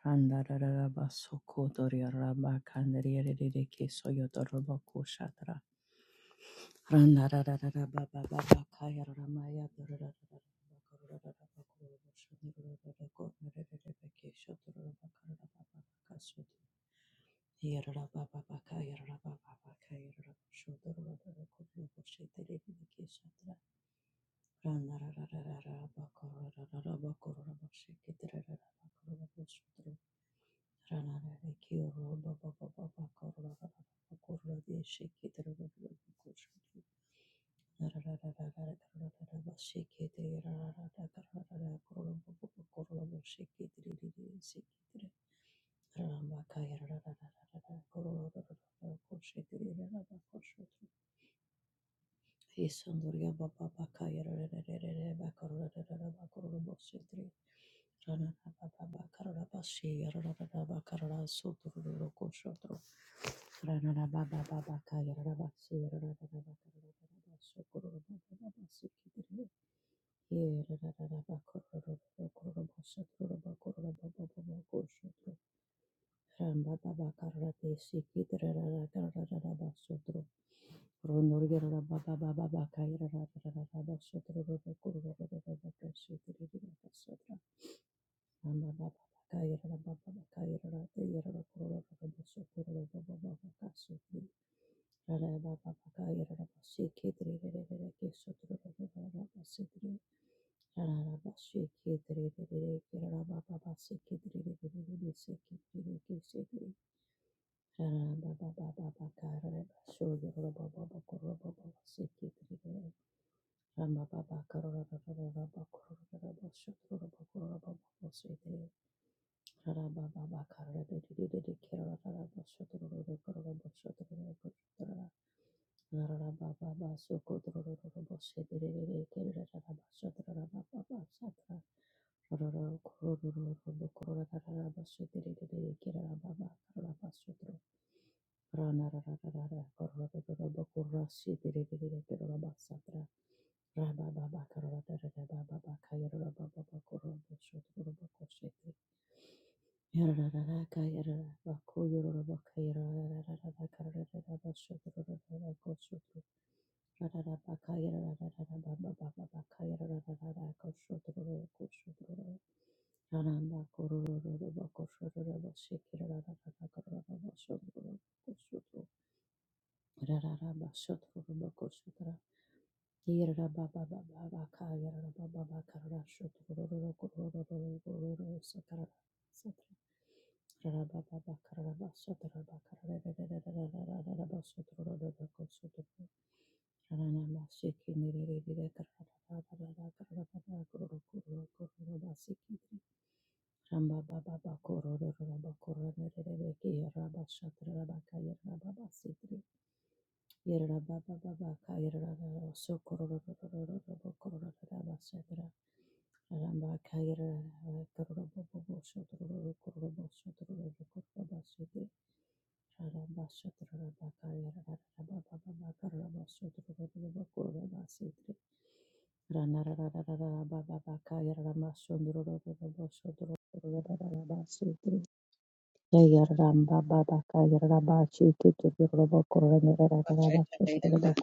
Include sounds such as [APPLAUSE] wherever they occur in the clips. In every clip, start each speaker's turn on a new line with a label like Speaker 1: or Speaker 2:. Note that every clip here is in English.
Speaker 1: Kandararaba sokotoria raba kandarierere keso yotoroba koshatra. Randarararaba baba baba kaya ramaya dorararaba kororaraba kororaba kororaraba kesho tororaba kararaba baba kaso. Yararaba baba kaya raba baba kaya raba shotororaba kororaba sheterere kesho tra. Randarararaba kororaraba kororaba sheketerere Isondoria baba baka yararararara bakarararara bakororo baba karara bashi yarararara Ramba Rara baba baba karada dedi dedi kerala rara boşu dururu kororo boşu dururu boşu Rara Rarababa, Ramba Rama
Speaker 2: Ayanda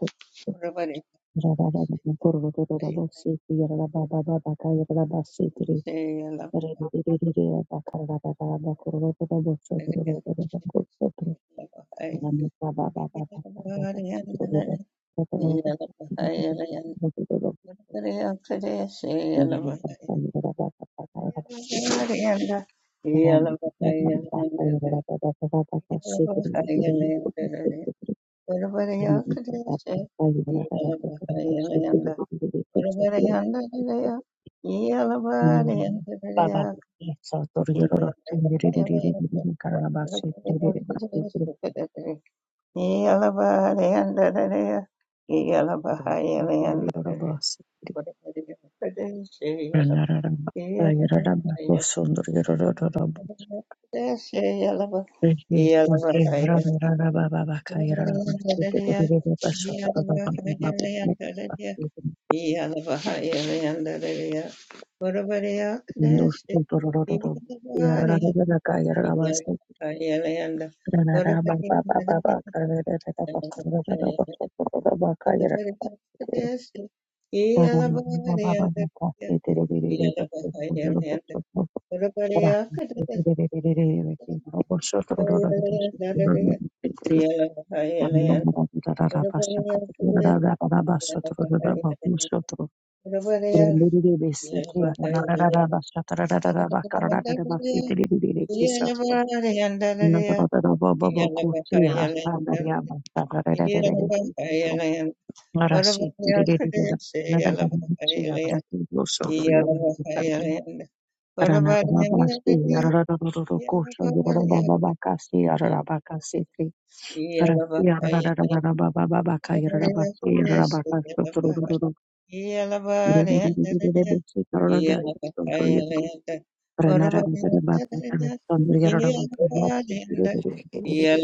Speaker 2: Rabari
Speaker 1: Baba,
Speaker 2: Ayala Yalla Orabariyandaraya, Iyalabariyandariya, Iyalabariyandariya, Orabariyandaraya, Iyalabariyandariya, Iyalabariyandariya, Orabariyandaraya, Iyalabariyandariya, Iyalabariyandariya, Iyalabariyandariya, Iyalabariyandariya, Yeah,
Speaker 1: Rana bakasi,
Speaker 2: What about your Kadesi Yalabahayan? Yalabahayan. What about Yalabahayan? Yalabahayan. Yalabahayan. Yalabahayan. What about Yalabahayan? Yalabahayan.
Speaker 1: Gracias.
Speaker 2: Yalabahayan.
Speaker 3: Ere eskero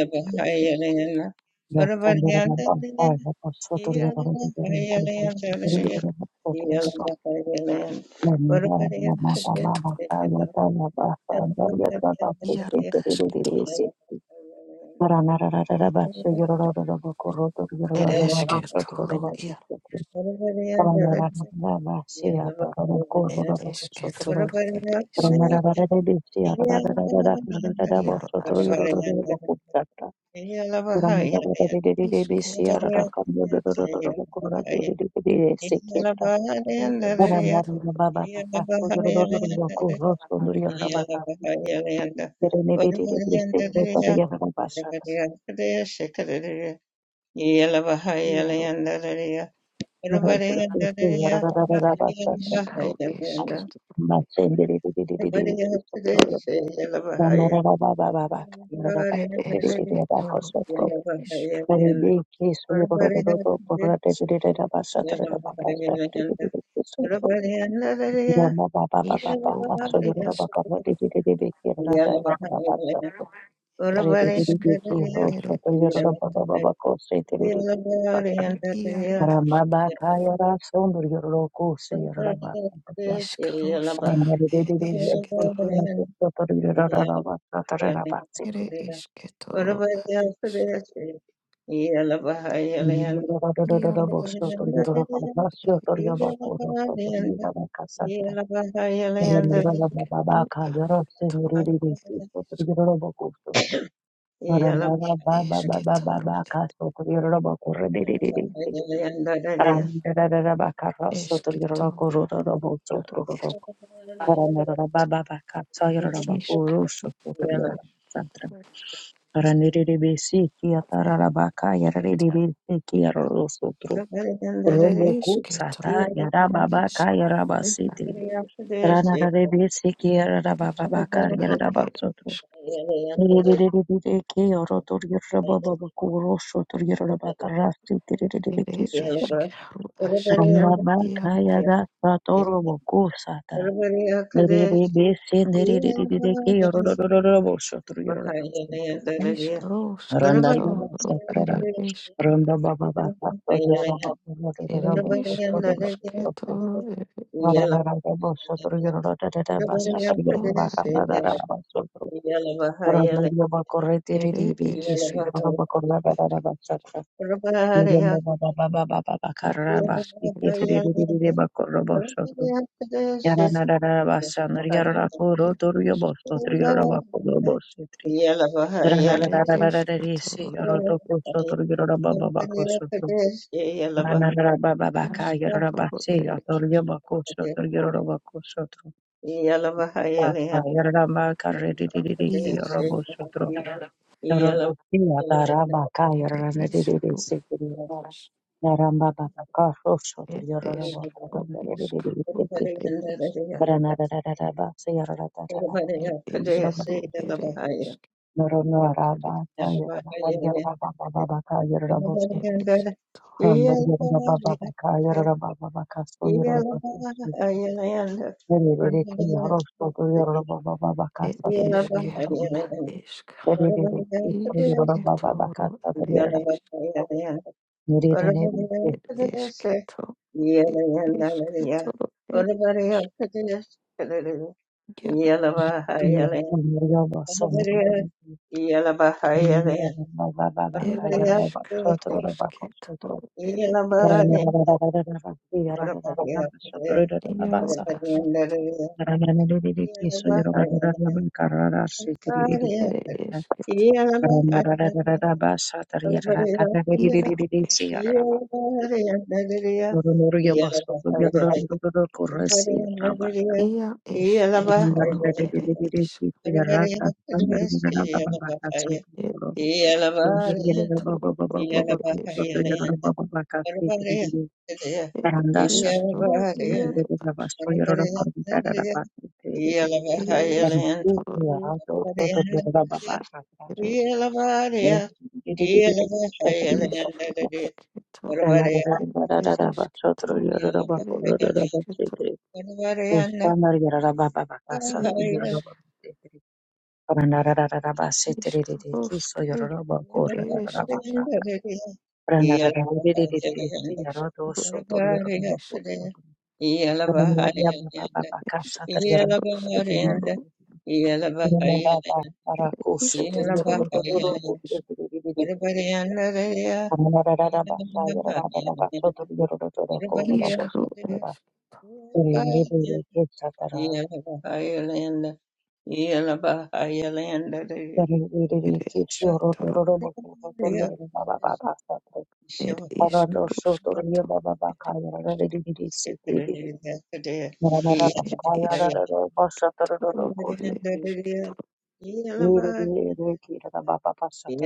Speaker 2: What about Yeah.
Speaker 3: asketoro iaro asketoro
Speaker 1: Thank
Speaker 3: ere esketoro iaro ere esketoro ere isk iaro asketoro isketoro ere esketoro esketoro
Speaker 1: you.
Speaker 3: iaro ere iskaro esketoro ere
Speaker 2: Yeah.
Speaker 3: esketoro ere iskaro asketoro iskaro ere esketoro ere esketoro iaro
Speaker 1: Rama
Speaker 3: asketoro
Speaker 1: baka yara sondur yoro kose yara baka.
Speaker 3: Iskaroska ed
Speaker 1: Para
Speaker 3: esketoro ere esketoro ad isk iaro asketoro ere isk
Speaker 2: Yeah.
Speaker 3: ed edu ato esketoro esketoro iaro ad isk
Speaker 1: Ranirirebesiki atararabaka yararerebesiki yarorosotro.
Speaker 3: ere
Speaker 1: Rombo kutsata
Speaker 3: esketoro
Speaker 1: yarababaka
Speaker 3: isk ato
Speaker 1: yarabasitri.
Speaker 2: Yeah.
Speaker 1: Ranarebesiki yarababaka
Speaker 3: ad ed
Speaker 1: yarabasotro.
Speaker 3: isk
Speaker 1: Nirirebeki yorotor yarababaku rosotro yarabaka
Speaker 3: ere
Speaker 1: rasitrireki satra.
Speaker 3: eskero askero
Speaker 1: Ranabaka
Speaker 3: iaro
Speaker 1: yarasatoro bokusatra. Nirirebesi
Speaker 3: eskero iaro
Speaker 1: nirirebeki yororororosotro yarabasotro.
Speaker 3: iskarosketoro
Speaker 1: Randarabasa
Speaker 3: ere eske
Speaker 1: Randa baba baba sodia rama sodia rada
Speaker 3: Ere
Speaker 1: rama sodia
Speaker 3: ishko
Speaker 1: rama sodia
Speaker 3: ushketoro ere
Speaker 1: rada
Speaker 3: ishk
Speaker 1: rada rama sodia rada rada rama sodia
Speaker 3: ishko
Speaker 1: rama
Speaker 3: are
Speaker 1: kanda rada
Speaker 3: ishk
Speaker 1: rama sodia randa baba korre tiri
Speaker 3: ere
Speaker 1: ribi kisu
Speaker 3: ishketo
Speaker 1: rama korra rada rama sodia randa baba baba baba
Speaker 3: era
Speaker 1: karra basi
Speaker 3: ishketo
Speaker 1: tiri ribi ribi bako rama sodia yara rada rama sodia yara
Speaker 3: ashketoro
Speaker 1: rama koro
Speaker 3: ere
Speaker 1: toru
Speaker 3: ishk
Speaker 1: yama sodia rama koro basi tiri randa
Speaker 3: ere
Speaker 1: rada rada rada risi
Speaker 3: ishketoro
Speaker 1: yara
Speaker 3: ere
Speaker 1: toku sodia rada baba bako Anarabababaka,
Speaker 3: ashketoro
Speaker 1: Yarabase,
Speaker 3: ere ishk
Speaker 1: Atoryabakoso, Toryabakoso, Lata, Yarabaka, Redidiki,
Speaker 3: ia
Speaker 1: Robosotro, Narandoki, Atarabaka,
Speaker 3: ere ishko
Speaker 1: Yaranidididisi, Narambabaka, Rosso,
Speaker 3: ere
Speaker 1: Toryarabaka,
Speaker 3: ishko ishko are
Speaker 1: Redididisi,
Speaker 3: ishk
Speaker 1: Paranarabase, Yarabaka,
Speaker 3: ere ishko ere ishk are
Speaker 1: Naranarabaka,
Speaker 3: ishk
Speaker 1: Yarabaka,
Speaker 3: ere
Speaker 1: Yarabosotro,
Speaker 3: ishketoro
Speaker 1: Randar Yarababaka,
Speaker 2: Yeah.
Speaker 1: Yarababaka, So
Speaker 2: Yeah.
Speaker 1: Yarabaka, Thank
Speaker 3: It is kettle at isk. Isketoro at it is. It is keto. It is ketoro. It is yellow
Speaker 1: you.
Speaker 3: It is karos ketoro. It is yellow It is keto.
Speaker 2: Yeah.
Speaker 1: Rarandasha
Speaker 3: Yellow is. Ia is ketoro. It is. It is karos ketoro. It is. It is karu Ere iškito ir ere
Speaker 1: Rana
Speaker 3: iškito
Speaker 2: Orvaraya
Speaker 3: ir ere iškito
Speaker 2: Krishna
Speaker 3: ere
Speaker 2: Pakayali
Speaker 3: iškito
Speaker 2: Orvarayana
Speaker 3: ere
Speaker 2: Kahaya
Speaker 3: iškaruškai ere
Speaker 2: Orvarayana Iyala Pahayana
Speaker 3: iškaruškai
Speaker 2: Orvarayana Iyala Pahayana
Speaker 3: ere iškitoro ere iškaru
Speaker 2: Iyala Pahayana Iyala Pahayana
Speaker 3: ere
Speaker 2: Iyala
Speaker 3: iškitoro ere
Speaker 2: Pahayana Orvarayana Raya Iyala Pahayana Orvarayana
Speaker 3: iškaruškitoro
Speaker 2: Iyala Pahayana Iyala Pahayana
Speaker 3: ere
Speaker 2: Yeah.
Speaker 3: iškitoro ere iškitoro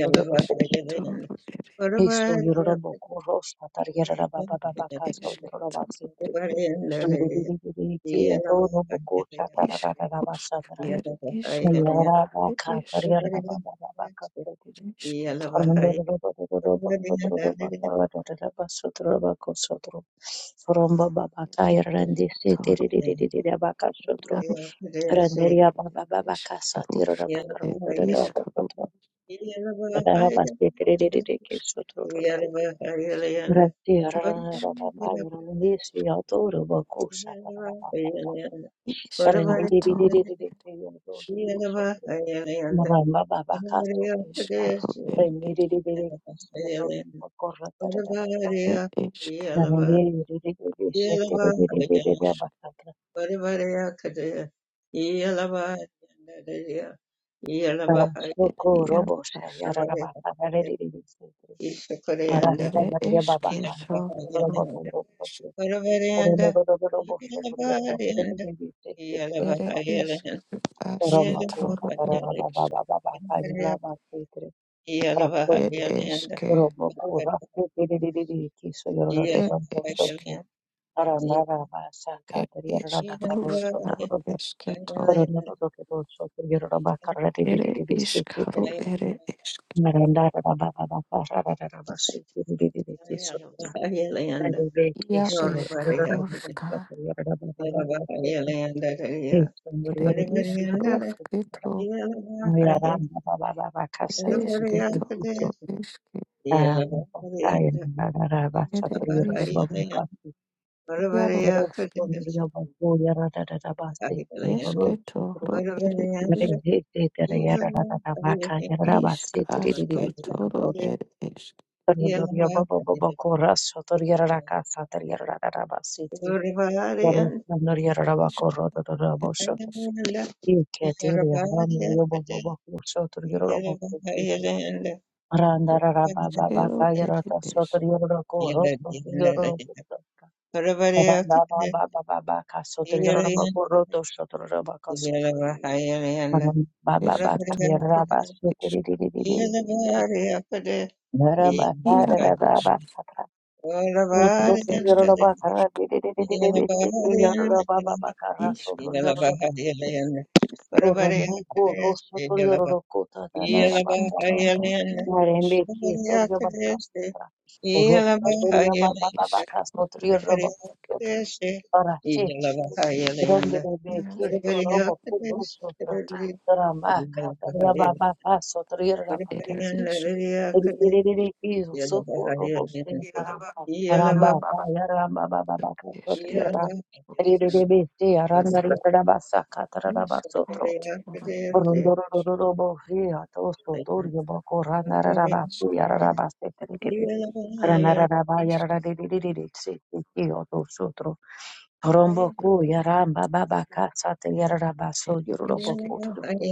Speaker 3: Eskitoro er
Speaker 1: Isu yororobo koro satar yarara baba baba
Speaker 3: isk er
Speaker 1: kaso yororoba
Speaker 3: eskitoro er isk
Speaker 1: Kia toro boko
Speaker 3: isk
Speaker 1: chatarara
Speaker 3: usk
Speaker 1: basandra.
Speaker 3: er iskaro
Speaker 1: Nayara
Speaker 3: er
Speaker 1: baka
Speaker 3: isk
Speaker 1: kariyara baba baba kapati.
Speaker 3: er eskitoro
Speaker 1: Arundoro baba baba baba baba baba baba basutro bako sutro. Romba baba
Speaker 3: er
Speaker 1: kaya randi sete
Speaker 3: eskitoro
Speaker 1: riri riri riri baka sutro.
Speaker 3: jaro
Speaker 2: Yeah. it is. Yeah,
Speaker 1: Randeria baba baba kasa tiro
Speaker 3: eskarusk
Speaker 1: baba
Speaker 2: yeah,
Speaker 3: er
Speaker 2: yeah,
Speaker 1: karundoro baba
Speaker 3: iskaro
Speaker 1: sutro. Rara basete riri riri ke
Speaker 3: isk
Speaker 1: sutro
Speaker 2: yeah,
Speaker 1: roro. Rati rara rara
Speaker 3: isk
Speaker 1: baba randi siya toro bako chatarara baba.
Speaker 3: iskatoro er isk
Speaker 1: Maramba baba kasto kurumba.
Speaker 3: iskaro er
Speaker 1: Rendiri
Speaker 3: isk
Speaker 1: diri kusiya tori bakorra tere rabasakra.
Speaker 3: er isk
Speaker 1: Narendiri diri diri shete diri diri
Speaker 3: isk
Speaker 1: rabasakra.
Speaker 2: yeah, yeah,
Speaker 1: Parasho
Speaker 3: er
Speaker 2: yeah,
Speaker 1: ko robo
Speaker 3: jaro
Speaker 1: shaya
Speaker 3: ask
Speaker 1: rabasakra diri diri shete.
Speaker 2: Ishakoreyanda,
Speaker 3: er
Speaker 1: Marasla mariya baba kasto tere
Speaker 2: Iyalabahayala,
Speaker 3: eskitoro
Speaker 1: rabato rabasakra.
Speaker 2: Varavareyanda,
Speaker 1: Rono rono rono bosho tori amra diri
Speaker 2: Iyalavareyanda,
Speaker 1: diri shete tere
Speaker 3: er
Speaker 2: Iyalabahayala,
Speaker 1: rabasakra.
Speaker 3: isk
Speaker 1: Ramba ko
Speaker 3: asketoro
Speaker 1: satara
Speaker 3: er
Speaker 2: Iyalabahayala,
Speaker 1: rababa
Speaker 3: isk
Speaker 1: baba baba kaya
Speaker 2: Varavareyanda,
Speaker 1: rabasakra.
Speaker 3: It
Speaker 1: Rastoku,
Speaker 2: Iyalabahayala,
Speaker 3: eşke,
Speaker 1: Roboku, Rastu, Dididididi, Kiso,
Speaker 3: it
Speaker 2: Iyalabahayala,
Speaker 1: Yorodamo,
Speaker 3: eşk,
Speaker 1: Soku,
Speaker 2: Iyalabahayala,
Speaker 1: Aranara, Saka,
Speaker 3: it isk.
Speaker 1: Rabakaro,
Speaker 2: Iyalabahayala,
Speaker 3: Ruska
Speaker 2: Iyalabahayala,
Speaker 1: Sotorabo,
Speaker 3: eşketo,
Speaker 2: Varavareyanda,
Speaker 1: Rodododo, Soku, Yorobakara,
Speaker 3: ere
Speaker 1: Dididididi, Siki,
Speaker 3: işkaru, ere eşk,
Speaker 1: Maranda, Rababa, Rabasi, Dididididi, Kiso, Nadeve,
Speaker 3: ya
Speaker 1: Kiso, Yorodabo,
Speaker 3: Ruska
Speaker 1: Yorobaba, Sotor, Kiso,
Speaker 3: ere
Speaker 1: Yorodidu,
Speaker 3: isk.
Speaker 1: Soku,
Speaker 3: Rusketo.
Speaker 1: Moira Ramba, Baba, Baba, Casa,
Speaker 3: ere eşketo, ro
Speaker 1: Dididididi,
Speaker 3: eşke,
Speaker 1: Um, okay, and da- da- da- ba- sha-
Speaker 3: ere
Speaker 1: ta- ri- ra- ra-
Speaker 3: işk,
Speaker 1: ba- ba- ka- si.
Speaker 3: yaro
Speaker 1: Ro-
Speaker 3: aşk,
Speaker 1: ro- ri- ra- ba- ro- ya- ra- da- da- da- ba- si. ki- Ri- ro- ro- sho-
Speaker 3: eşketo,
Speaker 1: tro.
Speaker 3: ro ere işk,
Speaker 1: Ri- ri- ri- da- da- ya- ra- da- da- da- ba- ka- ya- ra- da- ba- si.
Speaker 3: işk
Speaker 1: Ti- ri- ri- ri- ri- ki- ba-
Speaker 3: aşketo, ro
Speaker 1: go- shi.
Speaker 3: ere eşk,
Speaker 1: Ta- ri- ro- ya- ba- ba- ba- ba- ko-
Speaker 2: Yeah,
Speaker 1: ra- sho- ta- ri- ya- ra- da- ka- sa. Ta- ri- ya- ra- da- da- da- ba- si. Ti- ri- ro- ro- ta- ri- ya- ra- da- ba-
Speaker 3: Isk
Speaker 1: ko- ro- da- da- da- ba-
Speaker 3: ere
Speaker 1: sho- ta- ri.
Speaker 3: işk,
Speaker 1: Ki- ti- ri- ya- ra- na- ri- ya- ba- ba- ba- ko- sho- ta- ri- ya- ra- da- ba- si. ti- ri. Randa
Speaker 3: işkero, ere eşk,
Speaker 2: Yellow,
Speaker 3: eşketo, ere eşk, yaro aşk. It is Karusk, Isk, Rusk, Isk, Isk, Toru, it
Speaker 1: Yarembe
Speaker 3: is
Speaker 1: ki toryo baka sotra. Rosta toryo baba baba
Speaker 3: Isk,
Speaker 1: ka sotriyo
Speaker 3: Ea,
Speaker 1: robo
Speaker 3: Isk,
Speaker 1: para she. Grande bebe
Speaker 3: it
Speaker 1: ki
Speaker 3: is
Speaker 1: to
Speaker 3: Iska,
Speaker 1: robo
Speaker 2: Yellow,
Speaker 1: puro sotro. Rama ka toryo baba ka sotriyo robo
Speaker 3: It
Speaker 1: ka si.
Speaker 3: is
Speaker 1: Eri eri eri ki soto robo se eri. Ramba ka yaramba baba baba ka sotriyo ra.
Speaker 3: Ketoro,
Speaker 1: Eri eri eri eri aranda ri raba ka
Speaker 3: Isk,
Speaker 1: raba
Speaker 3: Isk, Toru,
Speaker 1: sotro.
Speaker 3: it is
Speaker 1: Rondorororobovia, tosto, torio, boco, ranararaba,
Speaker 3: Isk, Ro,
Speaker 1: fiararaba, seterigiri, ranararaba,
Speaker 3: Isk, it is
Speaker 1: yararadididididic, sitio, tosotro, romboco, yaramba, baba, casa, teliararaba, so,
Speaker 3: It is
Speaker 1: yororoboco,
Speaker 3: Ketoro,
Speaker 1: sotro,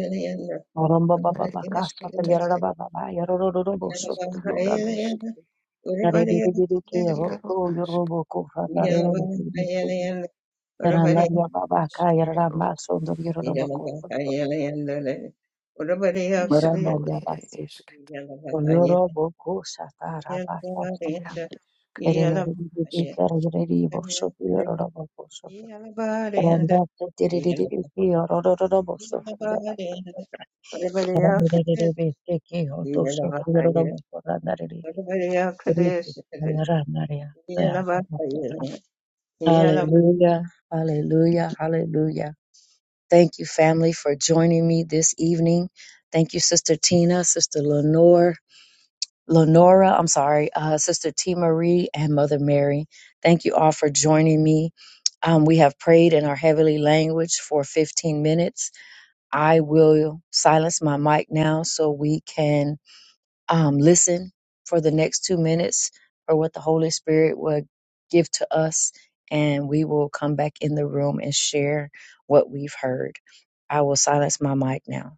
Speaker 1: rombo, baba,
Speaker 3: it
Speaker 1: baba,
Speaker 3: is
Speaker 1: casa,
Speaker 3: Ketoro,
Speaker 1: teliararaba, baba, yarororobo,
Speaker 3: Isk,
Speaker 1: sotro,
Speaker 3: Ro,
Speaker 1: yirab,
Speaker 3: Isk,
Speaker 1: yaredidididiki,
Speaker 3: Ea,
Speaker 1: roto,
Speaker 3: Ro, Isk,
Speaker 1: yororoboco, ranaradidididic, yarandaria, baba,
Speaker 3: Isk,
Speaker 1: ka, yararamba,
Speaker 3: Ro,
Speaker 1: sondor,
Speaker 2: I am
Speaker 1: yororoboco,
Speaker 2: gonna
Speaker 1: sotro,
Speaker 3: Isk, Ro, it
Speaker 1: randaria,
Speaker 3: is
Speaker 1: Yoroboko Satara Bakasabri,
Speaker 3: Ketoro,
Speaker 1: Erinity Carri Bosso, Yoroboko Soto, Ramba Tiriri, Yoroboko Soto, Rambiri, Tiki, Oto Soto, Yoroboko Ranari, Ranaria, Hallelujah, Hallelujah, Hallelujah. Thank you, family, for joining me this evening. Thank you, Sister Tina, Sister Lenore, Lenora, I'm sorry, uh, Sister T. Marie, and Mother Mary. Thank you all for joining me. Um, we have prayed in our heavenly language for 15 minutes. I will silence my mic now so we can um, listen for the next two minutes for what the Holy Spirit will give to us, and we will come back in the room and share what we've heard. I will silence my mic now.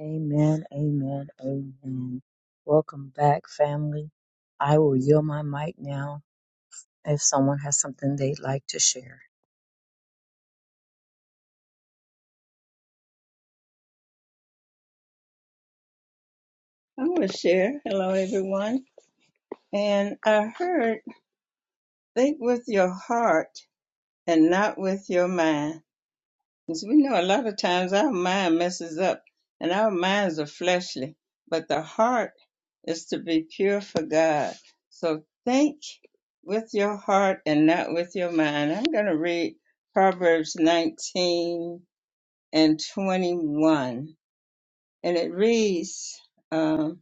Speaker 1: Amen, amen, amen. Welcome back, family. I will yield my mic now if someone has something they'd like to share.
Speaker 2: share. Hello, everyone. And I heard, think with your heart and not with your mind. Because we know a lot of times our mind messes up and our minds are fleshly, but the heart is to be pure for God. So think with your heart and not with your mind. I'm going to read Proverbs 19 and 21. And it reads, um,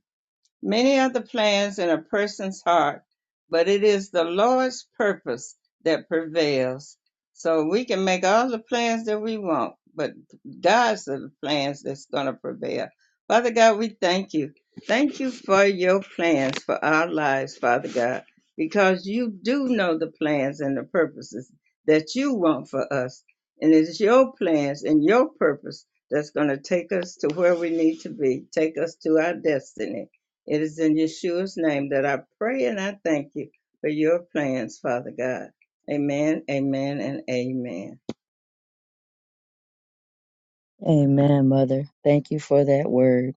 Speaker 2: Many are the plans in a person's heart, but it is the Lord's purpose that prevails. So we can make all the plans that we want, but God's are the plans that's going to prevail. Father God, we thank you. Thank you for your plans for our lives, Father God, because you do know the plans and the purposes that you want for us. And it's your plans and your purpose that's going to take us to where we need to be, take us to our destiny. It is in Yeshua's name that I pray and I thank you for your plans, Father God. Amen, amen, and amen.
Speaker 1: Amen, Mother. Thank you for that word.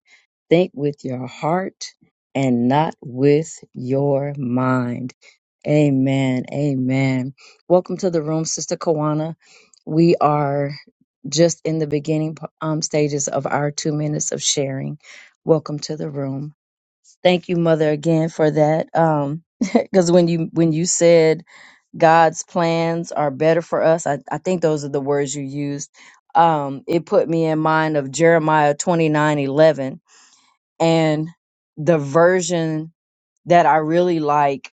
Speaker 1: Think with your heart and not with your mind. Amen, amen. Welcome to the room, Sister Kawana. We are just in the beginning um, stages of our two minutes of sharing. Welcome to the room. thank you mother again for that um [LAUGHS] because when you when you said god's plans are better for us I, I think those are the words you used um it put me in mind of jeremiah twenty nine eleven and the version that i really like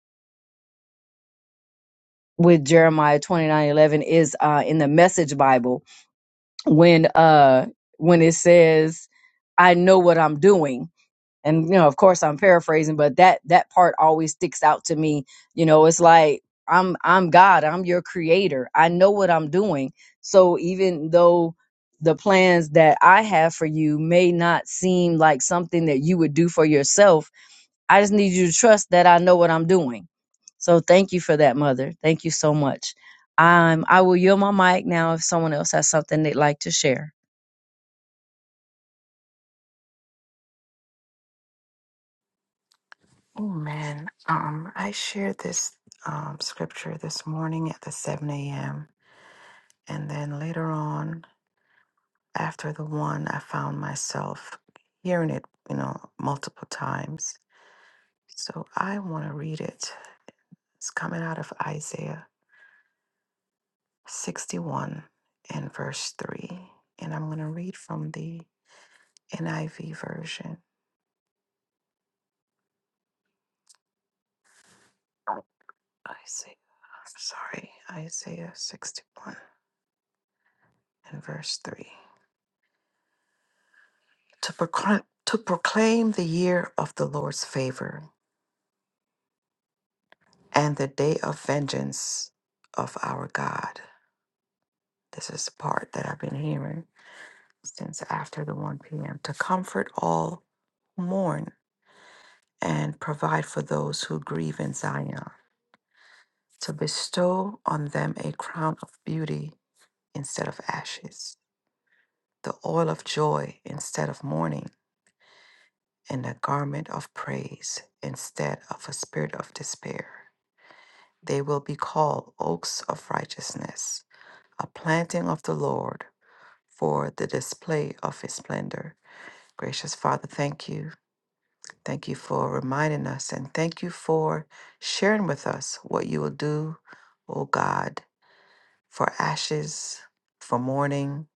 Speaker 1: with jeremiah twenty nine eleven is uh in the message bible when uh when it says i know what i'm doing and you know of course i'm paraphrasing but that that part always sticks out to me you know it's like i'm i'm god i'm your creator i know what i'm doing so even though the plans that i have for you may not seem like something that you would do for yourself i just need you to trust that i know what i'm doing so thank you for that mother thank you so much um, i will yield my mic now if someone else has something they'd like to share
Speaker 3: Amen. Um, I shared this um, scripture this morning at the 7 a.m. And then later on, after the one, I found myself hearing it, you know, multiple times. So I want to read it. It's coming out of Isaiah 61 and verse 3. And I'm going to read from the NIV version. Isaiah, I'm sorry, Isaiah 61 and verse 3. to, proclaim, to proclaim the year of the Lord's favor and the day of vengeance of our God. This is the part that I've been hearing since after the 1 p.m. To comfort all who mourn and provide for those who grieve in Zion, to bestow on them a crown of beauty instead of ashes, the oil of joy instead of mourning, and a garment of praise instead of a spirit of despair. They will be called oaks of righteousness, a planting of the Lord for the display of his splendor. Gracious Father, thank you. Thank you for reminding us and thank you for sharing with us what you will do, O God, for ashes, for mourning,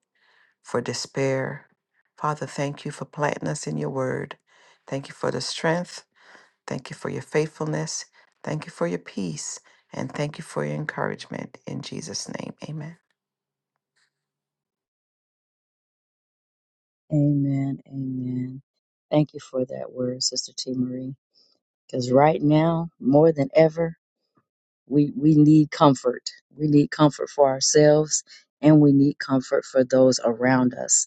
Speaker 3: for despair. Father, thank you for planting us in your word. Thank you for the strength Thank you for your faithfulness. Thank you for your peace. And thank you for your encouragement. In Jesus' name, amen.
Speaker 1: amen amen thank you for that word sister t marie Because right now, more than ever, we, we need comfort. We need comfort for ourselves and we need comfort for those around us.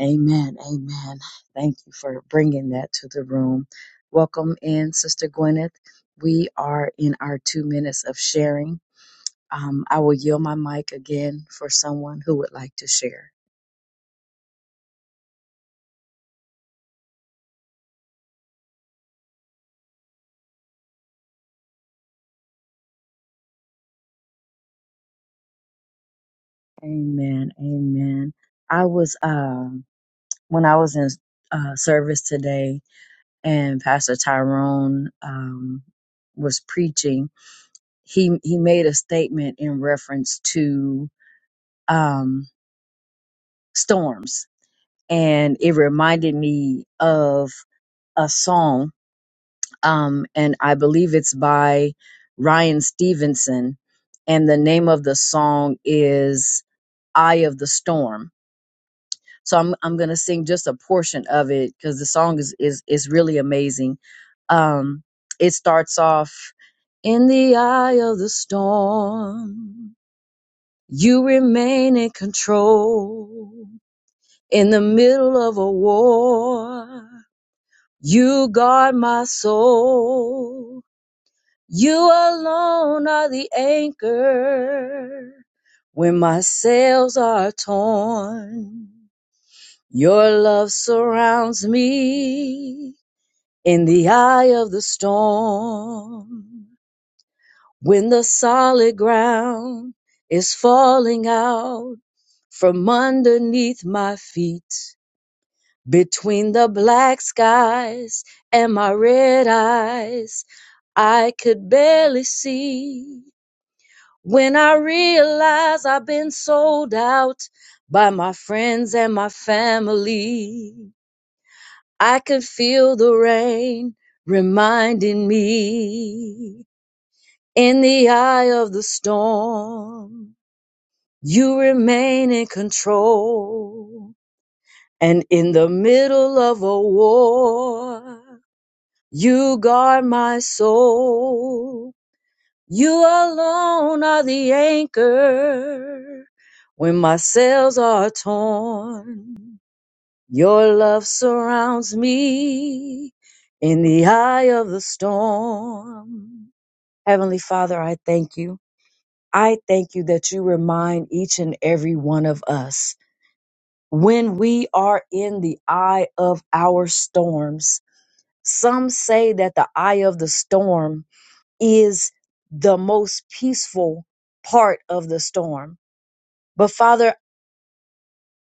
Speaker 1: Amen. Amen. Thank you for bringing that to the room. Welcome in, Sister Gwyneth. We are in our two minutes of sharing. Um, I will yield my mic again for someone who would like to share. Amen. Amen. I was, um, when I was in uh, service today, and Pastor Tyrone um, was preaching, he he made a statement in reference to um, storms, and it reminded me of a song, um, and I believe it's by Ryan Stevenson, and the name of the song is "Eye of the Storm." So I'm I'm gonna sing just a portion of it because the song is is is really amazing. Um, it starts off in the eye of the storm. You remain in control in the middle of a war. You guard my soul. You alone are the anchor when my sails are torn. Your love surrounds me in the eye of the storm. When the solid ground is falling out from underneath my feet, between the black skies and my red eyes, I could barely see. When I realized I've been sold out by my friends and my family. I could feel the rain reminding me in the eye of the storm, you remain in control. And in the middle of a war, you guard my soul. You alone are the anchor when my sails are torn. Your love surrounds me in the eye of the storm. Heavenly Father, I thank you. I thank you that you remind each and every one of us when we are in the eye of our storms. Some say that the eye of the storm is the most peaceful part of the storm. But Father,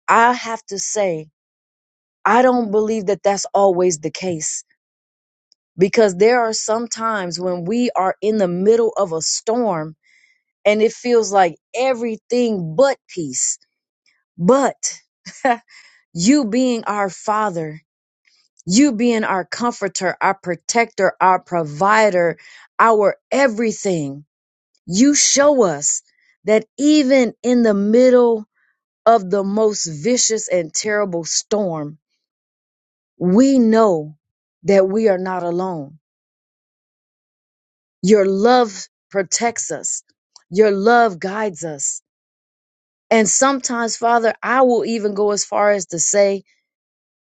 Speaker 1: I have to say, I don't believe that that's always the case because there are some times when we are in the middle of a storm and it feels like everything but peace. But [LAUGHS] you being our father, you being our comforter, our protector, our provider, our everything, you show us that even in the middle of the most vicious and terrible storm, we know that we are not alone Your love protects us. Your love guides us. And sometimes, Father, I will even go as far as to say,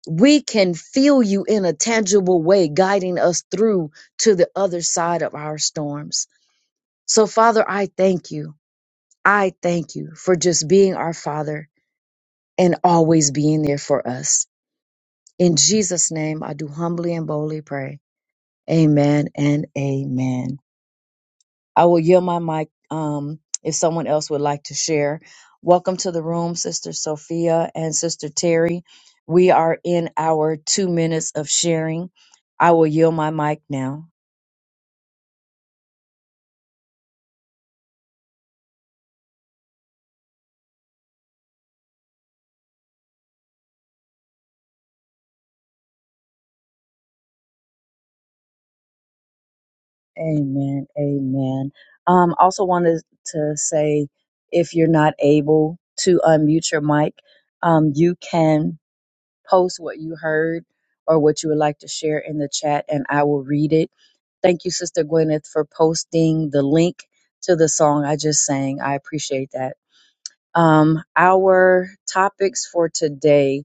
Speaker 1: we can feel you in a tangible way guiding us through to the other side of our storms. So, Father, I thank you. I thank you for just being our Father and always being there for us. In Jesus' name, I do humbly and boldly pray. Amen and amen. I will yield my mic um, if someone else would like to share. Welcome to the room, Sister Sophia and Sister Terry. We are in our two minutes of sharing. I will yield my mic now. Amen. Amen. Um, also wanted to say if you're not able to unmute your mic, um, you can. post what you heard or what you would like to share in the chat, and I will read it. Thank you, Sister Gwyneth, for posting the link to the song I just sang. I appreciate that. Um, our topics for today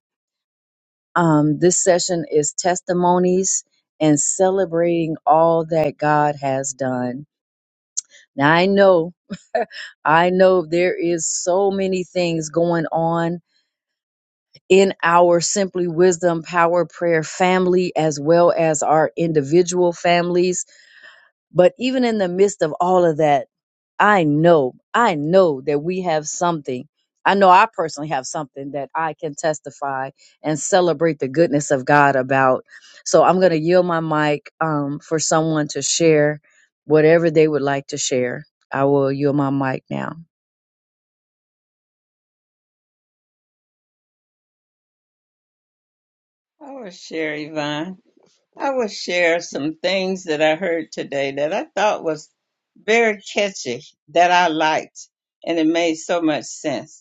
Speaker 1: um, this session is testimonies and celebrating all that God has done. Now, I know, I know there is so many things going on in our Simply Wisdom Power Prayer family as well as our individual families. But even in the midst of all of that, I know, I know that we have something. I know I personally have something that I can testify and celebrate the goodness of God about. So I'm going to yield my mic um, for someone to share whatever they would like to share. I will yield my mic now.
Speaker 2: I will share, Yvonne. I will share some things that I heard today that I thought was very catchy, that I liked, and it made so much sense.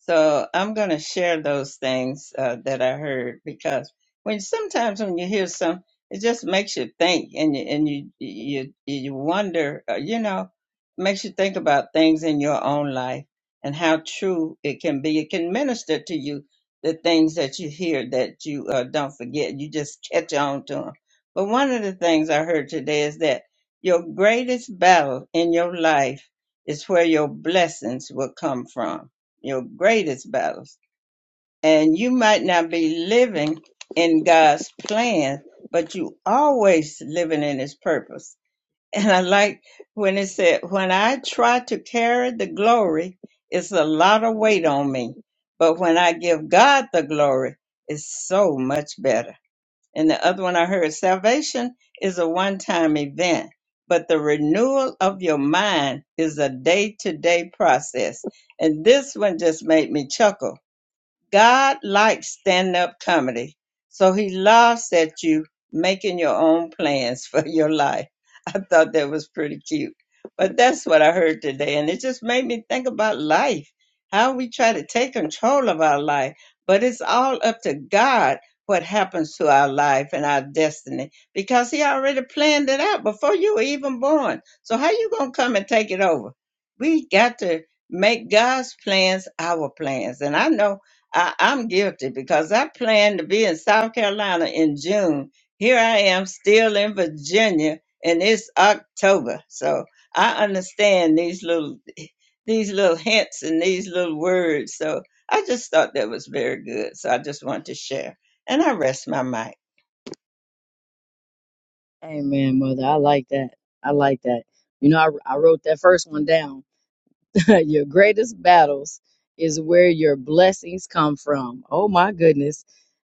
Speaker 2: So I'm going to share those things uh, that I heard because when sometimes when you hear some, it just makes you think and you and you you you wonder, uh, you know, makes you think about things in your own life and how true it can be. It can minister to you the things that you hear that you uh, don't forget. You just catch on to them. But one of the things I heard today is that your greatest battle in your life is where your blessings will come from your greatest battles. And you might not be living in God's plan, but you always living in his purpose. [LAUGHS] And I like when it said, when I try to carry the glory, it's a lot of weight on me. But when I give God the glory, it's so much better. And the other one I heard salvation is a one time event, but the renewal of your mind is a day to day process. And this one just made me chuckle God likes stand up comedy. So he laughs at you making your own plans [LAUGHS] for your life. I thought that was pretty cute. But that's what I heard today. And it just made me think about life, how we try to take control of our life. But it's all up to God what happens to our life and our destiny because he already planned it out before you were even born. So how you going to come and take it over? We got to make God's plans our plans. And I know I, I'm guilty because I planned to be in South Carolina in June. Here I am still in Virginia and it's October. So I understand these little these little hints and these little words. So I just thought that was very good. So I just wanted to share. And I rest my mic.
Speaker 1: Amen, mother. I like that. I like that. You know, I, I wrote that first one down [LAUGHS] your greatest battles is where your blessings come from. Oh my goodness,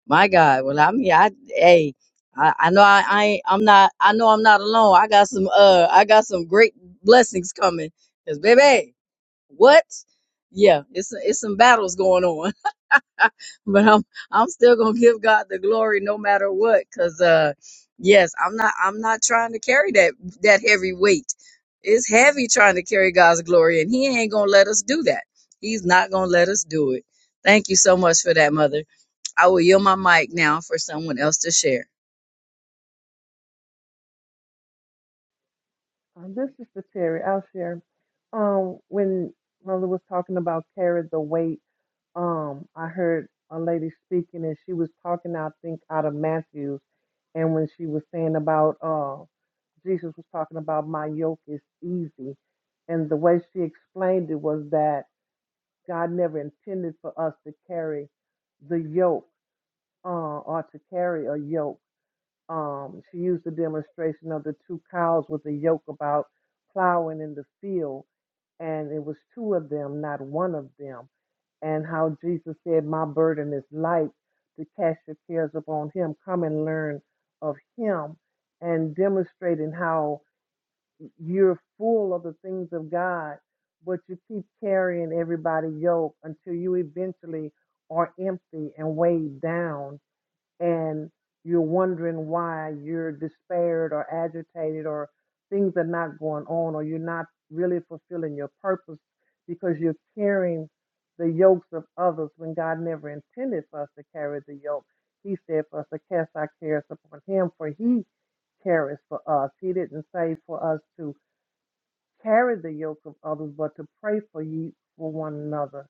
Speaker 1: my God. Well, I mean, I hey, I, I know I, I ain't, I'm not. I know I'm not alone. I got some. Uh, I got some great blessings coming. Cause baby, what? Yeah, it's it's some battles going on but I'm I'm still gonna give God the glory no matter what. Cause uh, yes, I'm not I'm not trying to carry that that heavy weight. It's heavy trying to carry God's glory, and He ain't gonna let us do that. He's not gonna let us do it. Thank you so much for that, Mother. I will yield my mic now for someone else to share.
Speaker 4: Um, this is the Terry. I'll share. Um, when Mother was talking about carry the weight, um, I heard a lady speaking and she was talking, I think, out of Matthew's, and when she was saying about uh, Jesus was talking about my yoke is easy, and the way she explained it was that God never intended for us to carry the yoke uh, or to carry a yoke um, she used the demonstration of the two cows with the yoke about plowing in the field, and it was two of them, not one of them. And how Jesus said, My burden is light to cast your cares upon Him. Come and learn of Him, and demonstrating how you're full of the things of God, but you keep carrying everybody's yoke until you eventually are empty and weighed down and you're wondering why you're despaired or agitated or things are not going on or you're not really fulfilling your purpose because you're carrying the yokes of others when God never intended for us to carry the yoke. He said for us to cast our cares upon him for he carries for us. He didn't say for us to carry the yoke of others, but to pray for ye for one another,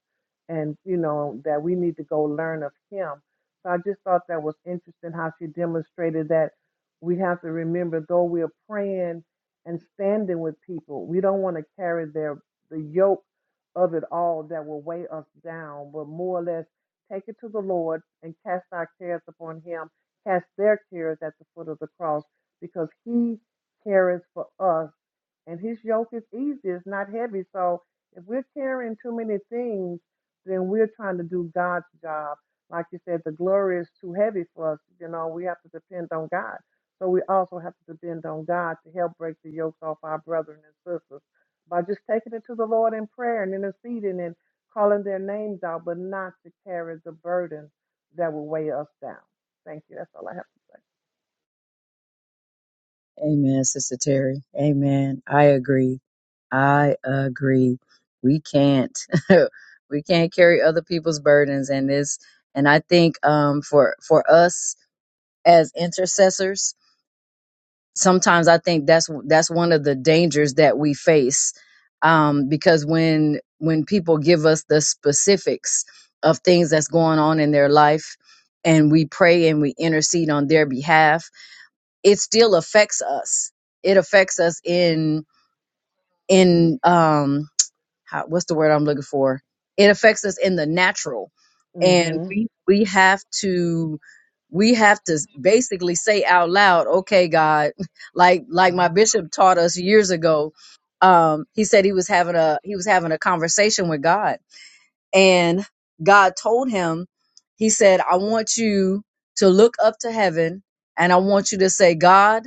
Speaker 4: and you know that we need to go learn of Him. So I just thought that was interesting how she demonstrated that we have to remember though we are praying and standing with people, we don't want to carry their the yoke of it all that will weigh us down, but more or less take it to the Lord and cast our cares upon Him, cast their cares at the foot of the cross, because He cares for us and his yoke is easy it's not heavy so if we're carrying too many things then we're trying to do god's job like you said the glory is too heavy for us you know we have to depend on god so we also have to depend on god to help break the yokes off our brethren and sisters by just taking it to the lord in prayer and interceding and calling their names out but not to carry the burden that will weigh us down thank you that's all i have
Speaker 1: Amen, Sister Terry. Amen. I agree. I agree. We can't [LAUGHS] we can't carry other people's burdens, and this and I think um for for us as intercessors. Sometimes I think that's that's one of the dangers that we face um, because when when people give us the specifics of things that's going on in their life and we pray and we intercede on their behalf, it still affects us. It affects us in in um, how what's the word I'm looking for? It affects us in the natural.
Speaker 4: to
Speaker 1: And
Speaker 4: say
Speaker 1: we we have to we have to basically say out loud, okay, God, [LAUGHS] like like
Speaker 4: hmm
Speaker 1: my bishop taught us years ago. Um, he said he was having a he was having a conversation with God. And God told him, he said, I want you to look up to heaven and I want you to say, God,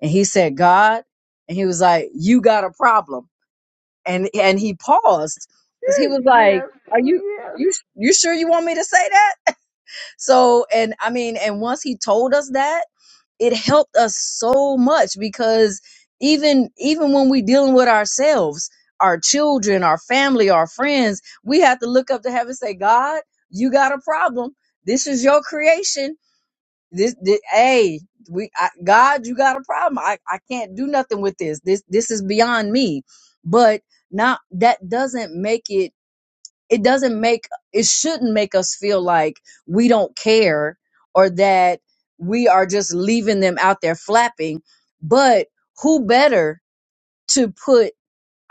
Speaker 1: and he said, God, and he was like, You got a problem and and he paused because he
Speaker 4: [LAUGHS]
Speaker 1: was like,
Speaker 4: yes
Speaker 1: "Are you
Speaker 4: yes
Speaker 1: you you sure you want me to say that?" So and I mean, and once he told us that, it helped us so much because even even when we dealing with ourselves, our children, our family, our friends, we have to look up to heaven and say, "God, you got a problem. This is your creation this, this hey, we I, God, you got a problem. I, I can't do nothing with this. This this is beyond me. But not that doesn't make it it doesn't make it shouldn't make us feel like we don't care or that we are just leaving them out there flapping. But who better to put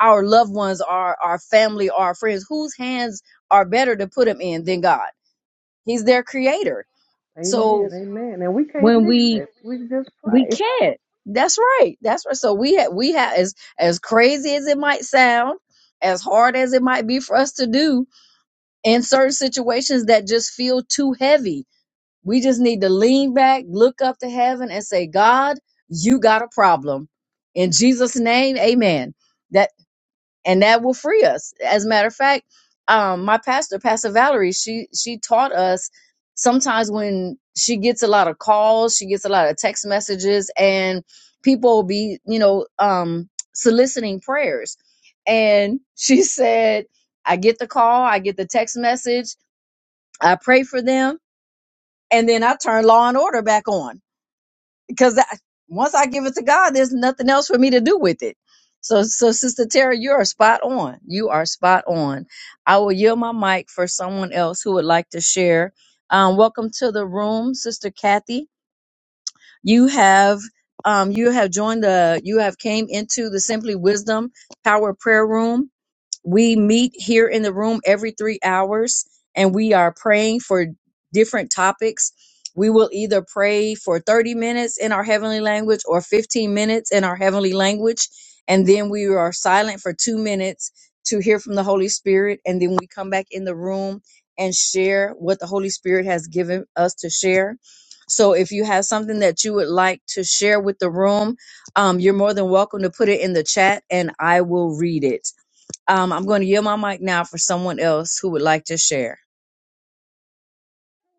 Speaker 1: our loved ones, our our family, our friends, whose hands are better to put them in than God? He's their creator.
Speaker 4: Amen.
Speaker 1: So
Speaker 4: Amen. And we can't
Speaker 1: when
Speaker 4: fix
Speaker 1: we
Speaker 4: it. We can just
Speaker 1: we
Speaker 4: pray.
Speaker 1: can't. That's right. That's right. So we have we have as as crazy as it might sound, as hard as it might be for us to do in certain situations that just feel too heavy. We just need to lean back, look up to heaven, and say, God, you got a problem. In Jesus' name, Amen and that will free us. As a matter of fact, um, my pastor, Pastor Valerie, she she taught us sometimes when she gets a lot of calls, she gets a lot of text messages, and people will be, you know, um, soliciting prayers. And [LAUGHS] she said, I get the call, I get the text message, I pray for them, and then I turn law and order back on because once I give it to God, there's nothing else for me to do with it. So, so Sister Tara, you are spot on. You are spot on. I will yield my mic for someone else who would like to share. Um, welcome to the room, Sister Kathy. You have um, you have joined the you have came into the Simply Wisdom Power Prayer Room. We meet here in the room every three hours and we are praying for different topics. We will either pray for 30 minutes in our heavenly language or 15 minutes in our heavenly language. And then we are silent for two minutes to hear from the Holy Spirit. And then we come back in the room and share what the Holy Spirit has given us to share. So if you have something that you would like to share with the room, um, you're more than welcome to put it in the chat and I will read it. Um, I'm going to yield my mic now for someone else who would like to share.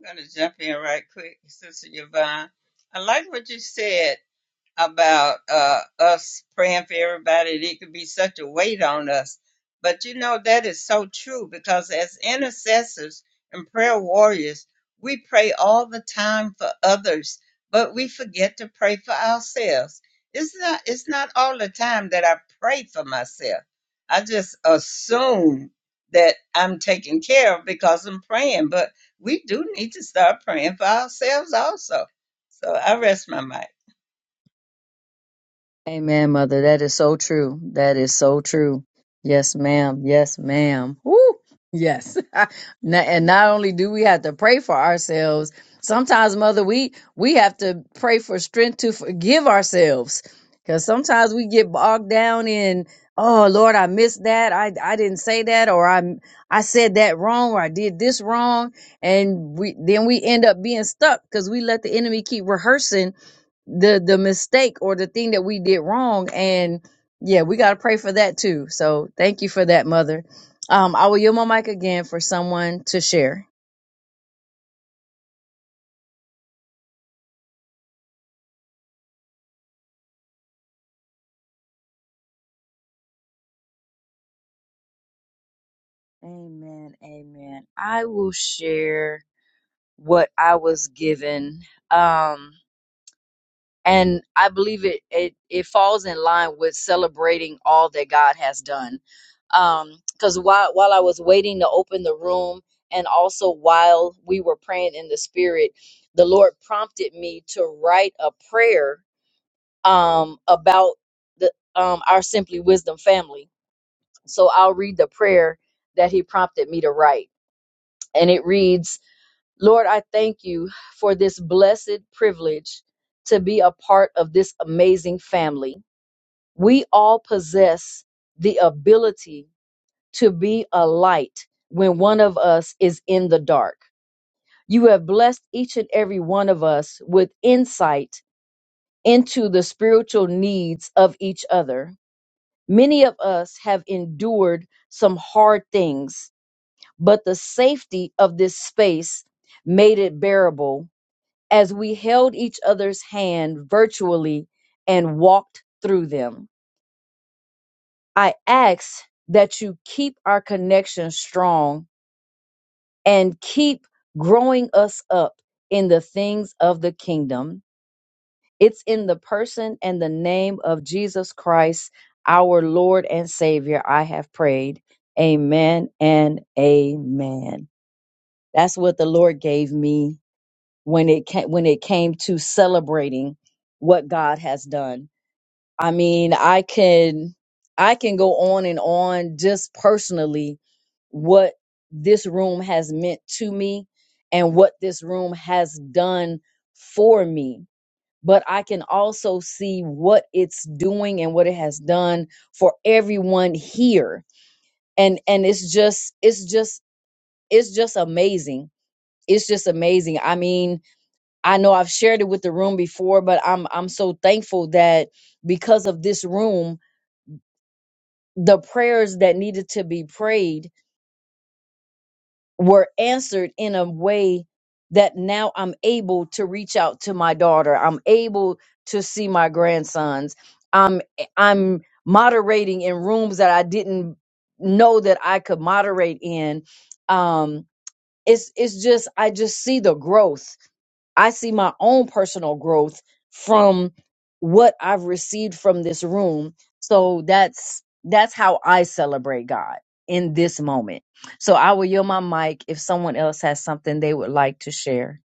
Speaker 2: I'm gonna jump in right quick, Sister Yvonne. I like what you said about uh, us praying for everybody. and It could be such a weight on us. But you know, that is so true because as intercessors and prayer warriors, we pray all the time for others, but we forget to pray for ourselves. It's not, it's not all the time that I pray for myself. I just assume that I'm taken care of because I'm praying, but we do need to start praying for ourselves also. So I rest my mic.
Speaker 1: Amen, mother. That is so true. That is so true. Yes, ma'am. Yes, ma'am. Woo! Yes. [LAUGHS] Na- and not only do we have to pray for ourselves, sometimes, mother, we we have to pray for strength to forgive ourselves. Because sometimes we get bogged down in, oh Lord, I missed that. I I didn't say that, or I I said that wrong, or I did this wrong, and we then we end up being stuck because we let the enemy keep rehearsing the the mistake or the thing that we did wrong and yeah we got to pray for that too so thank you for that mother um i will yield my mic again for someone to share amen amen i will share what i was given um and I believe it it it falls in line with celebrating all that God has done. Um, because while while I was waiting to open the room, and also while we were praying in the spirit, the Lord prompted me to write a prayer um about the um our Simply Wisdom family. So I'll read the prayer that He prompted me to write, and it reads. Lord, I thank you for this blessed privilege to be a part of this amazing family. We all possess the ability to be a light when one of us is in the dark. You have blessed each and every one of us with insight into the spiritual needs of each other. Many of us have endured some hard things, but the safety of this space made it bearable as we held each other's hand virtually and walked through them. I ask that you keep our connection strong and keep growing us up in the things of the kingdom. It's in the person and the name of Jesus Christ, our Lord and Savior, I have prayed. Amen and amen. That's what the Lord gave me when it came, when it came to celebrating what God has done I mean, I can I can go on and on just personally what this room has meant to me and what this room has done for me. But I can also see what it's doing and what it has done for everyone here. And and it's just it's just it's just amazing. It's just amazing. I mean, I know I've shared it with the room before, but I'm I'm so thankful that because of this room the prayers that needed to be prayed were answered in a way that now I'm able to reach out to my daughter. I'm able to see my grandsons. I'm I'm moderating in rooms that I didn't know that I could moderate in. Um it's it's just I just see the growth I see my own personal growth from what I've received from this room. So that's that's how I celebrate God in this moment. So I will yield my mic if someone else has something they would like to share.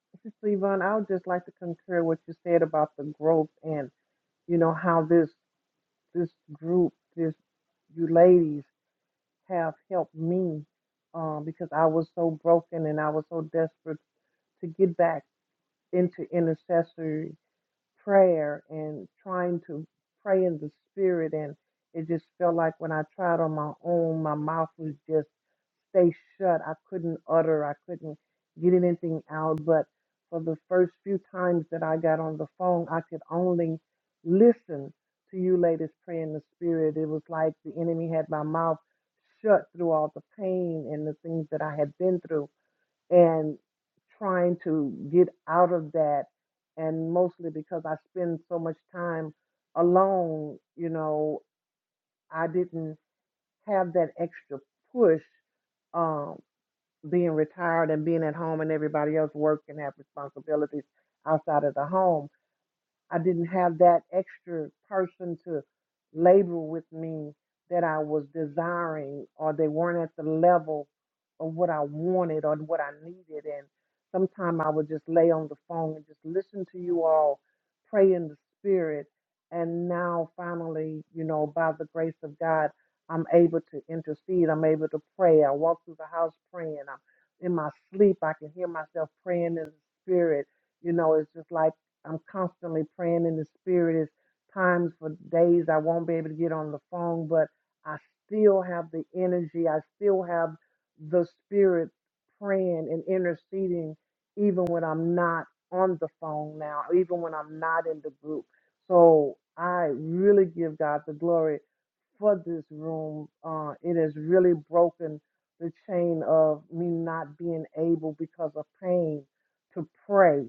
Speaker 4: [LAUGHS] Sister Yvonne, I would just like to concur what you said about the growth and you know how this this group, this you ladies have helped me um, because I was so broken and I was so desperate to get back into intercessory prayer and trying to pray in the spirit and it just felt like when I tried on my own my mouth was just stay shut. I couldn't utter, I couldn't get anything out. But for the first few times that I got on the phone, I could only listen to you ladies pray in the spirit. It was like the enemy had my mouth shut through all the pain and the things that I had been through and trying to get out of that and mostly because I spend so much time alone, you know, I didn't have that extra push um being retired and being at home and everybody else work and have responsibilities outside of the home. I didn't have that extra person to labor with me that I was desiring, or they weren't at the level of what I wanted or what I needed. And sometimes I would just lay on the phone and just listen to you all pray in the spirit. And now, finally, you know, by the grace of God, I'm able to intercede. I'm able to pray. I walk through the house praying. I'm in my sleep. I can hear myself praying in the spirit. You know, it's just like I'm constantly praying in the spirit. It's times for days I won't be able to get on the phone, but I still have the energy. I still have the spirit praying and interceding, even when I'm not on the phone now, even when I'm not in the group. So I really give God the glory for this room. Uh, it has really broken the chain of me not being able because of pain to pray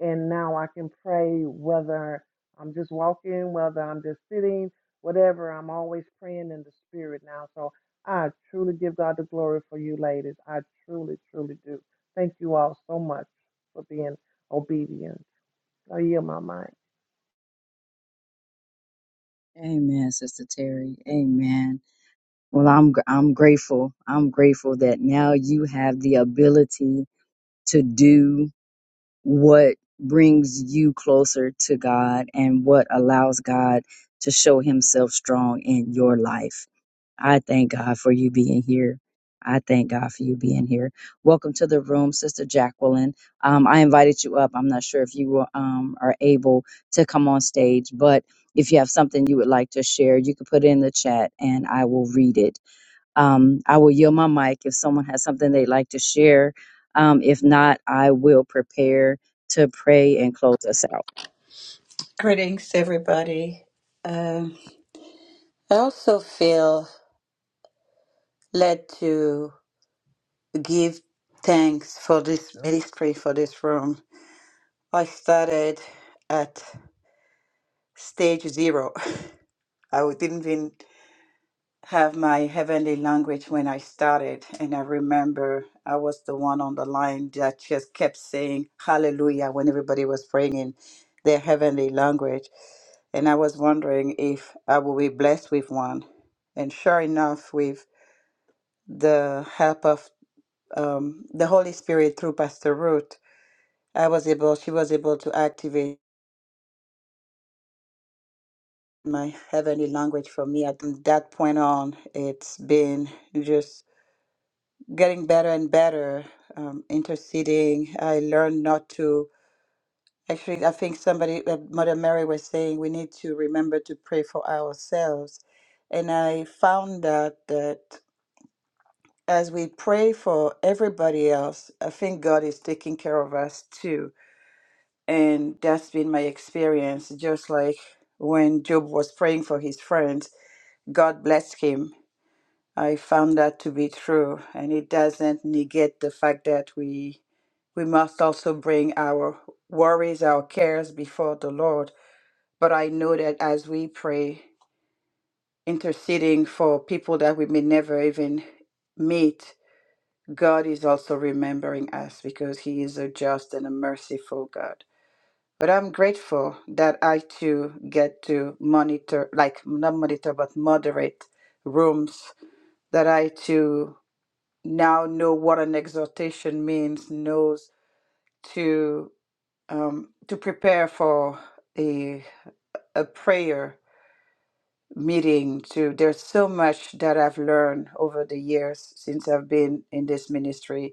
Speaker 4: and now I can pray whether I'm just walking, whether I'm just sitting, whatever. I'm always praying in the spirit now. So I truly give God the glory for you, ladies. I truly, truly do. Thank you all so much for being obedient. I yield my mind.
Speaker 1: Amen, Sister Terry. Amen. Well, I'm gr- I'm grateful. I'm grateful that now you have the ability to do. what brings you closer to God and what allows God to show himself strong in your life. I thank God for you being here. I thank God for you being here. Welcome to the room, Sister Jacqueline. Um, I invited you up. I'm not sure if you were, um, are able to come on stage, but if you have something you would like to share, you can put it in the chat and I will read it um, I will yield my mic if someone has something they'd like to share. Um, if not, I will prepare to pray and close us out.
Speaker 5: Greetings, everybody. Um, I also feel led to give thanks for this ministry, for this room. I started at stage zero. [LAUGHS] I didn't even have my heavenly language when I started. And I remember I was the one on the line that just kept saying hallelujah when everybody was praying in their heavenly language. And I was wondering if I will be blessed with one. And sure enough, we've the help of um, the Holy Spirit through Pastor Ruth, I was able, she was able to activate my heavenly language for me. At that point on, it's been just getting better and better, um, interceding. I learned not to, actually, I think somebody, uh, Mother Mary was saying, we need to remember to pray for ourselves. And I found out that as we pray for everybody else, I think God is taking care of us too And that's been my experience. Just like when Job was praying for his friends, God blessed him. I found that to be true. And it doesn't negate the fact that we we must also bring our worries, our cares before the Lord. But I know that as we pray, interceding for people that we may never even meet, God is also remembering us because He is a just and a merciful God. But I'm grateful that I too get to monitor, like not monitor, but moderate rooms, that I too now know what an exhortation means, knows to um, to prepare for a a prayer meeting To There's so much that I've learned over the years since I've been in this ministry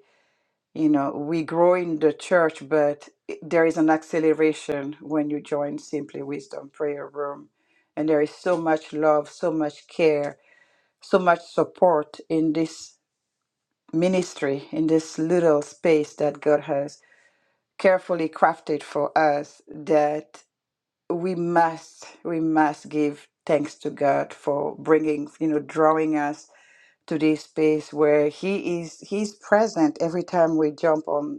Speaker 5: You know, we grow in the church, but it- there is an acceleration when you join Simply Wisdom Prayer Room. And there is so much love, so much care, so much support in this ministry, in this little space that God has carefully crafted for us that we must, we must give thanks to God for bringing, you know, drawing us to this space where he is he's present every time we jump on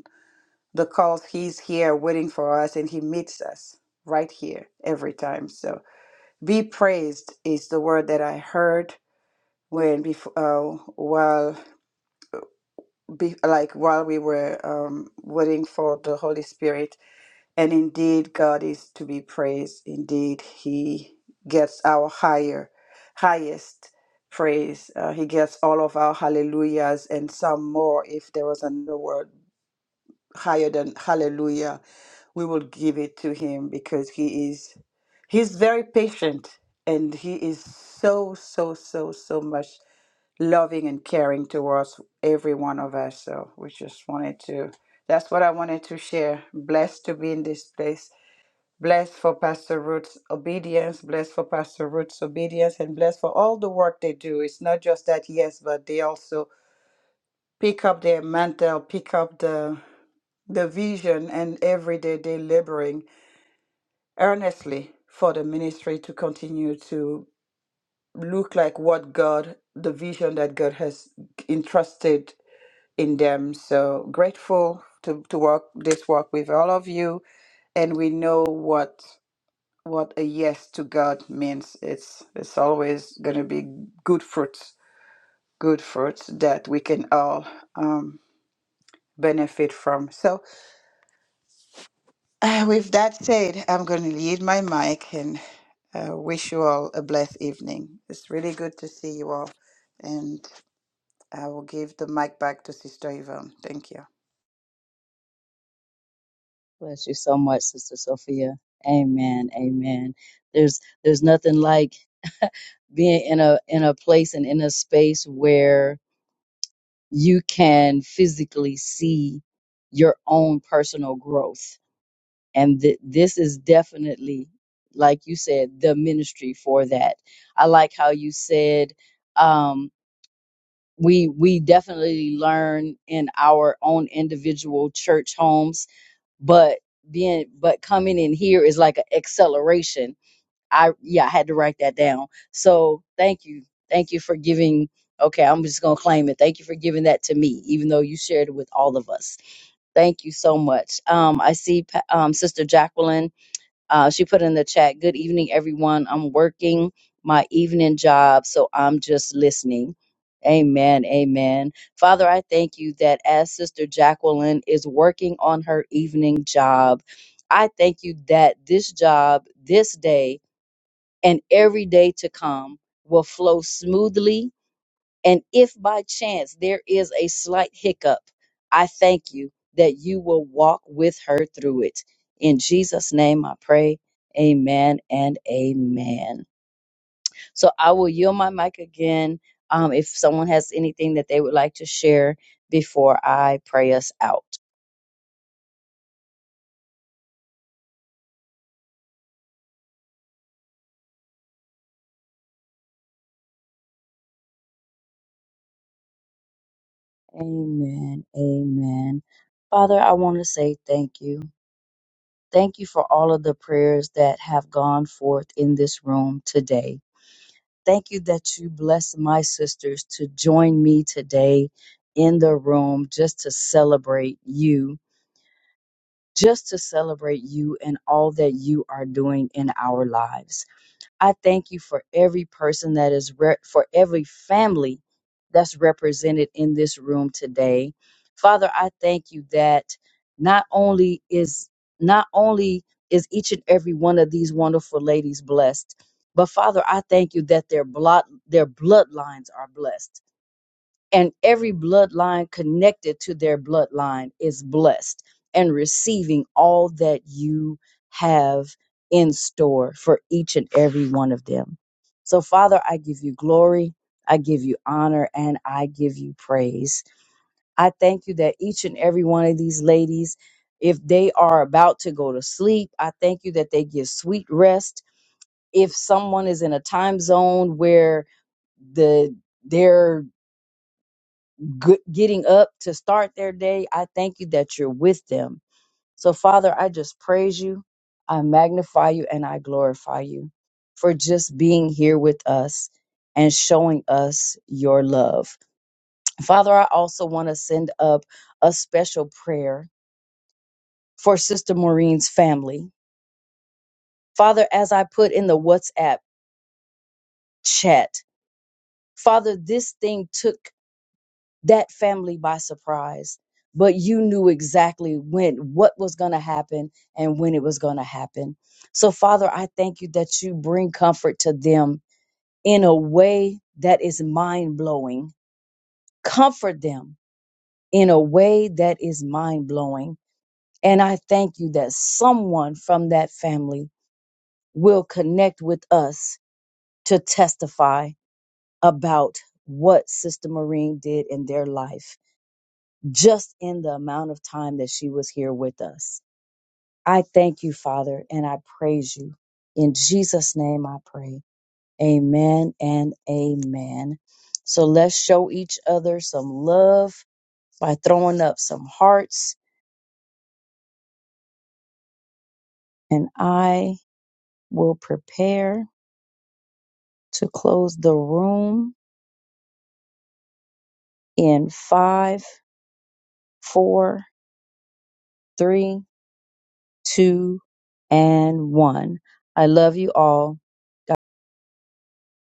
Speaker 5: because he's here waiting for us and he meets us right here every time so be praised is the word that i heard when before uh, while be, like while we were um, waiting for the holy spirit and indeed god is to be praised indeed he gets our higher highest praise uh, he gets all of our hallelujahs and some more if there was another word higher than hallelujah. We will give it to him because he is he's very patient and he is so so so so much loving and caring towards every one of us. So we just wanted to that's what I wanted to share. Blessed to be in this place. Blessed for Pastor Ruth's obedience, blessed for Pastor Ruth's obedience, and blessed for all the work they do. It's not just that, yes, but they also pick up their mantle, pick up the the vision, and every day they're laboring earnestly for the ministry to continue to look like what God, the vision that God has entrusted in them. So grateful to to work this work with all of you, and we know what what a yes to God means. It's it's always going to be good fruits, good fruits that we can all um, benefit from. So Uh, with that said, I'm going to yield my mic and uh, wish you all a blessed evening. It's really good to see you all, and I will give the mic back to Sister Yvonne. Thank you.
Speaker 1: Bless you so much, Sister Sophia. Amen. Amen. There's there's nothing like being in a in a place and in a space where you can physically see your own personal growth. And th- this is definitely, like you said, the ministry for that. I like how you said um, we we definitely learn in our own individual church homes but being but coming in here is like an acceleration i yeah i had to write that down so thank you thank you for giving okay i'm just gonna claim it thank you for giving that to me even though you shared it with all of us thank you so much um i see Pa- um sister jacqueline uh, she put in the chat, Good evening, everyone. I'm working my evening job, so I'm just listening. Amen. Amen. Father, I thank you that as Sister Jacqueline is working on her evening job, I thank you that this job, this day, and every day to come will flow smoothly and if by chance there is a slight hiccup, I thank you that you will walk with her through it. In Jesus' name I pray. Amen and amen. So I will yield my mic again um, if someone has anything that they would like to share before I pray us out. Amen. Amen. Father, I want to say thank you. Thank you for all of the prayers that have gone forth in this room today. Thank you that you bless my sisters to join me today in the room just to celebrate you, just to celebrate you and all that you are doing in our lives. I thank you for every person that is, re- for every family that's represented in this room today. Father, I thank you that not only is, not only is each and every one of these wonderful ladies blessed, but Father, I thank you that their blood, their bloodlines are blessed and every bloodline connected to their bloodline is blessed and receiving all that you have in store for each and every one of them. So, Father, I give you glory, I give you honor, and I give you praise. I thank you that each and every one of these ladies, if they are about to go to sleep, I thank you that they give sweet rest. If someone is in a time zone where the their good, getting up to start their day. I thank you that you're with them. So, Father, I just praise you, I magnify you, and I glorify you for just being here with us and showing us your love. Father, I also want to send up a special prayer for Sister Maureen's family. Father, as I put in the WhatsApp chat, Father, this thing took that family by surprise but you knew exactly when what was going to happen and when it was going to happen so father i thank you that you bring comfort to them in a way that is mind-blowing comfort them in a way that is mind-blowing and i thank you that someone from that family will connect with us to testify about what sister marine did in their life just in the amount of time that she was here with us. I thank you, Father, and I praise you. In Jesus' name I pray. Amen and amen. So let's show each other some love by throwing up some hearts, and I will prepare to close the room in five, four, three, two, and one. I love you all.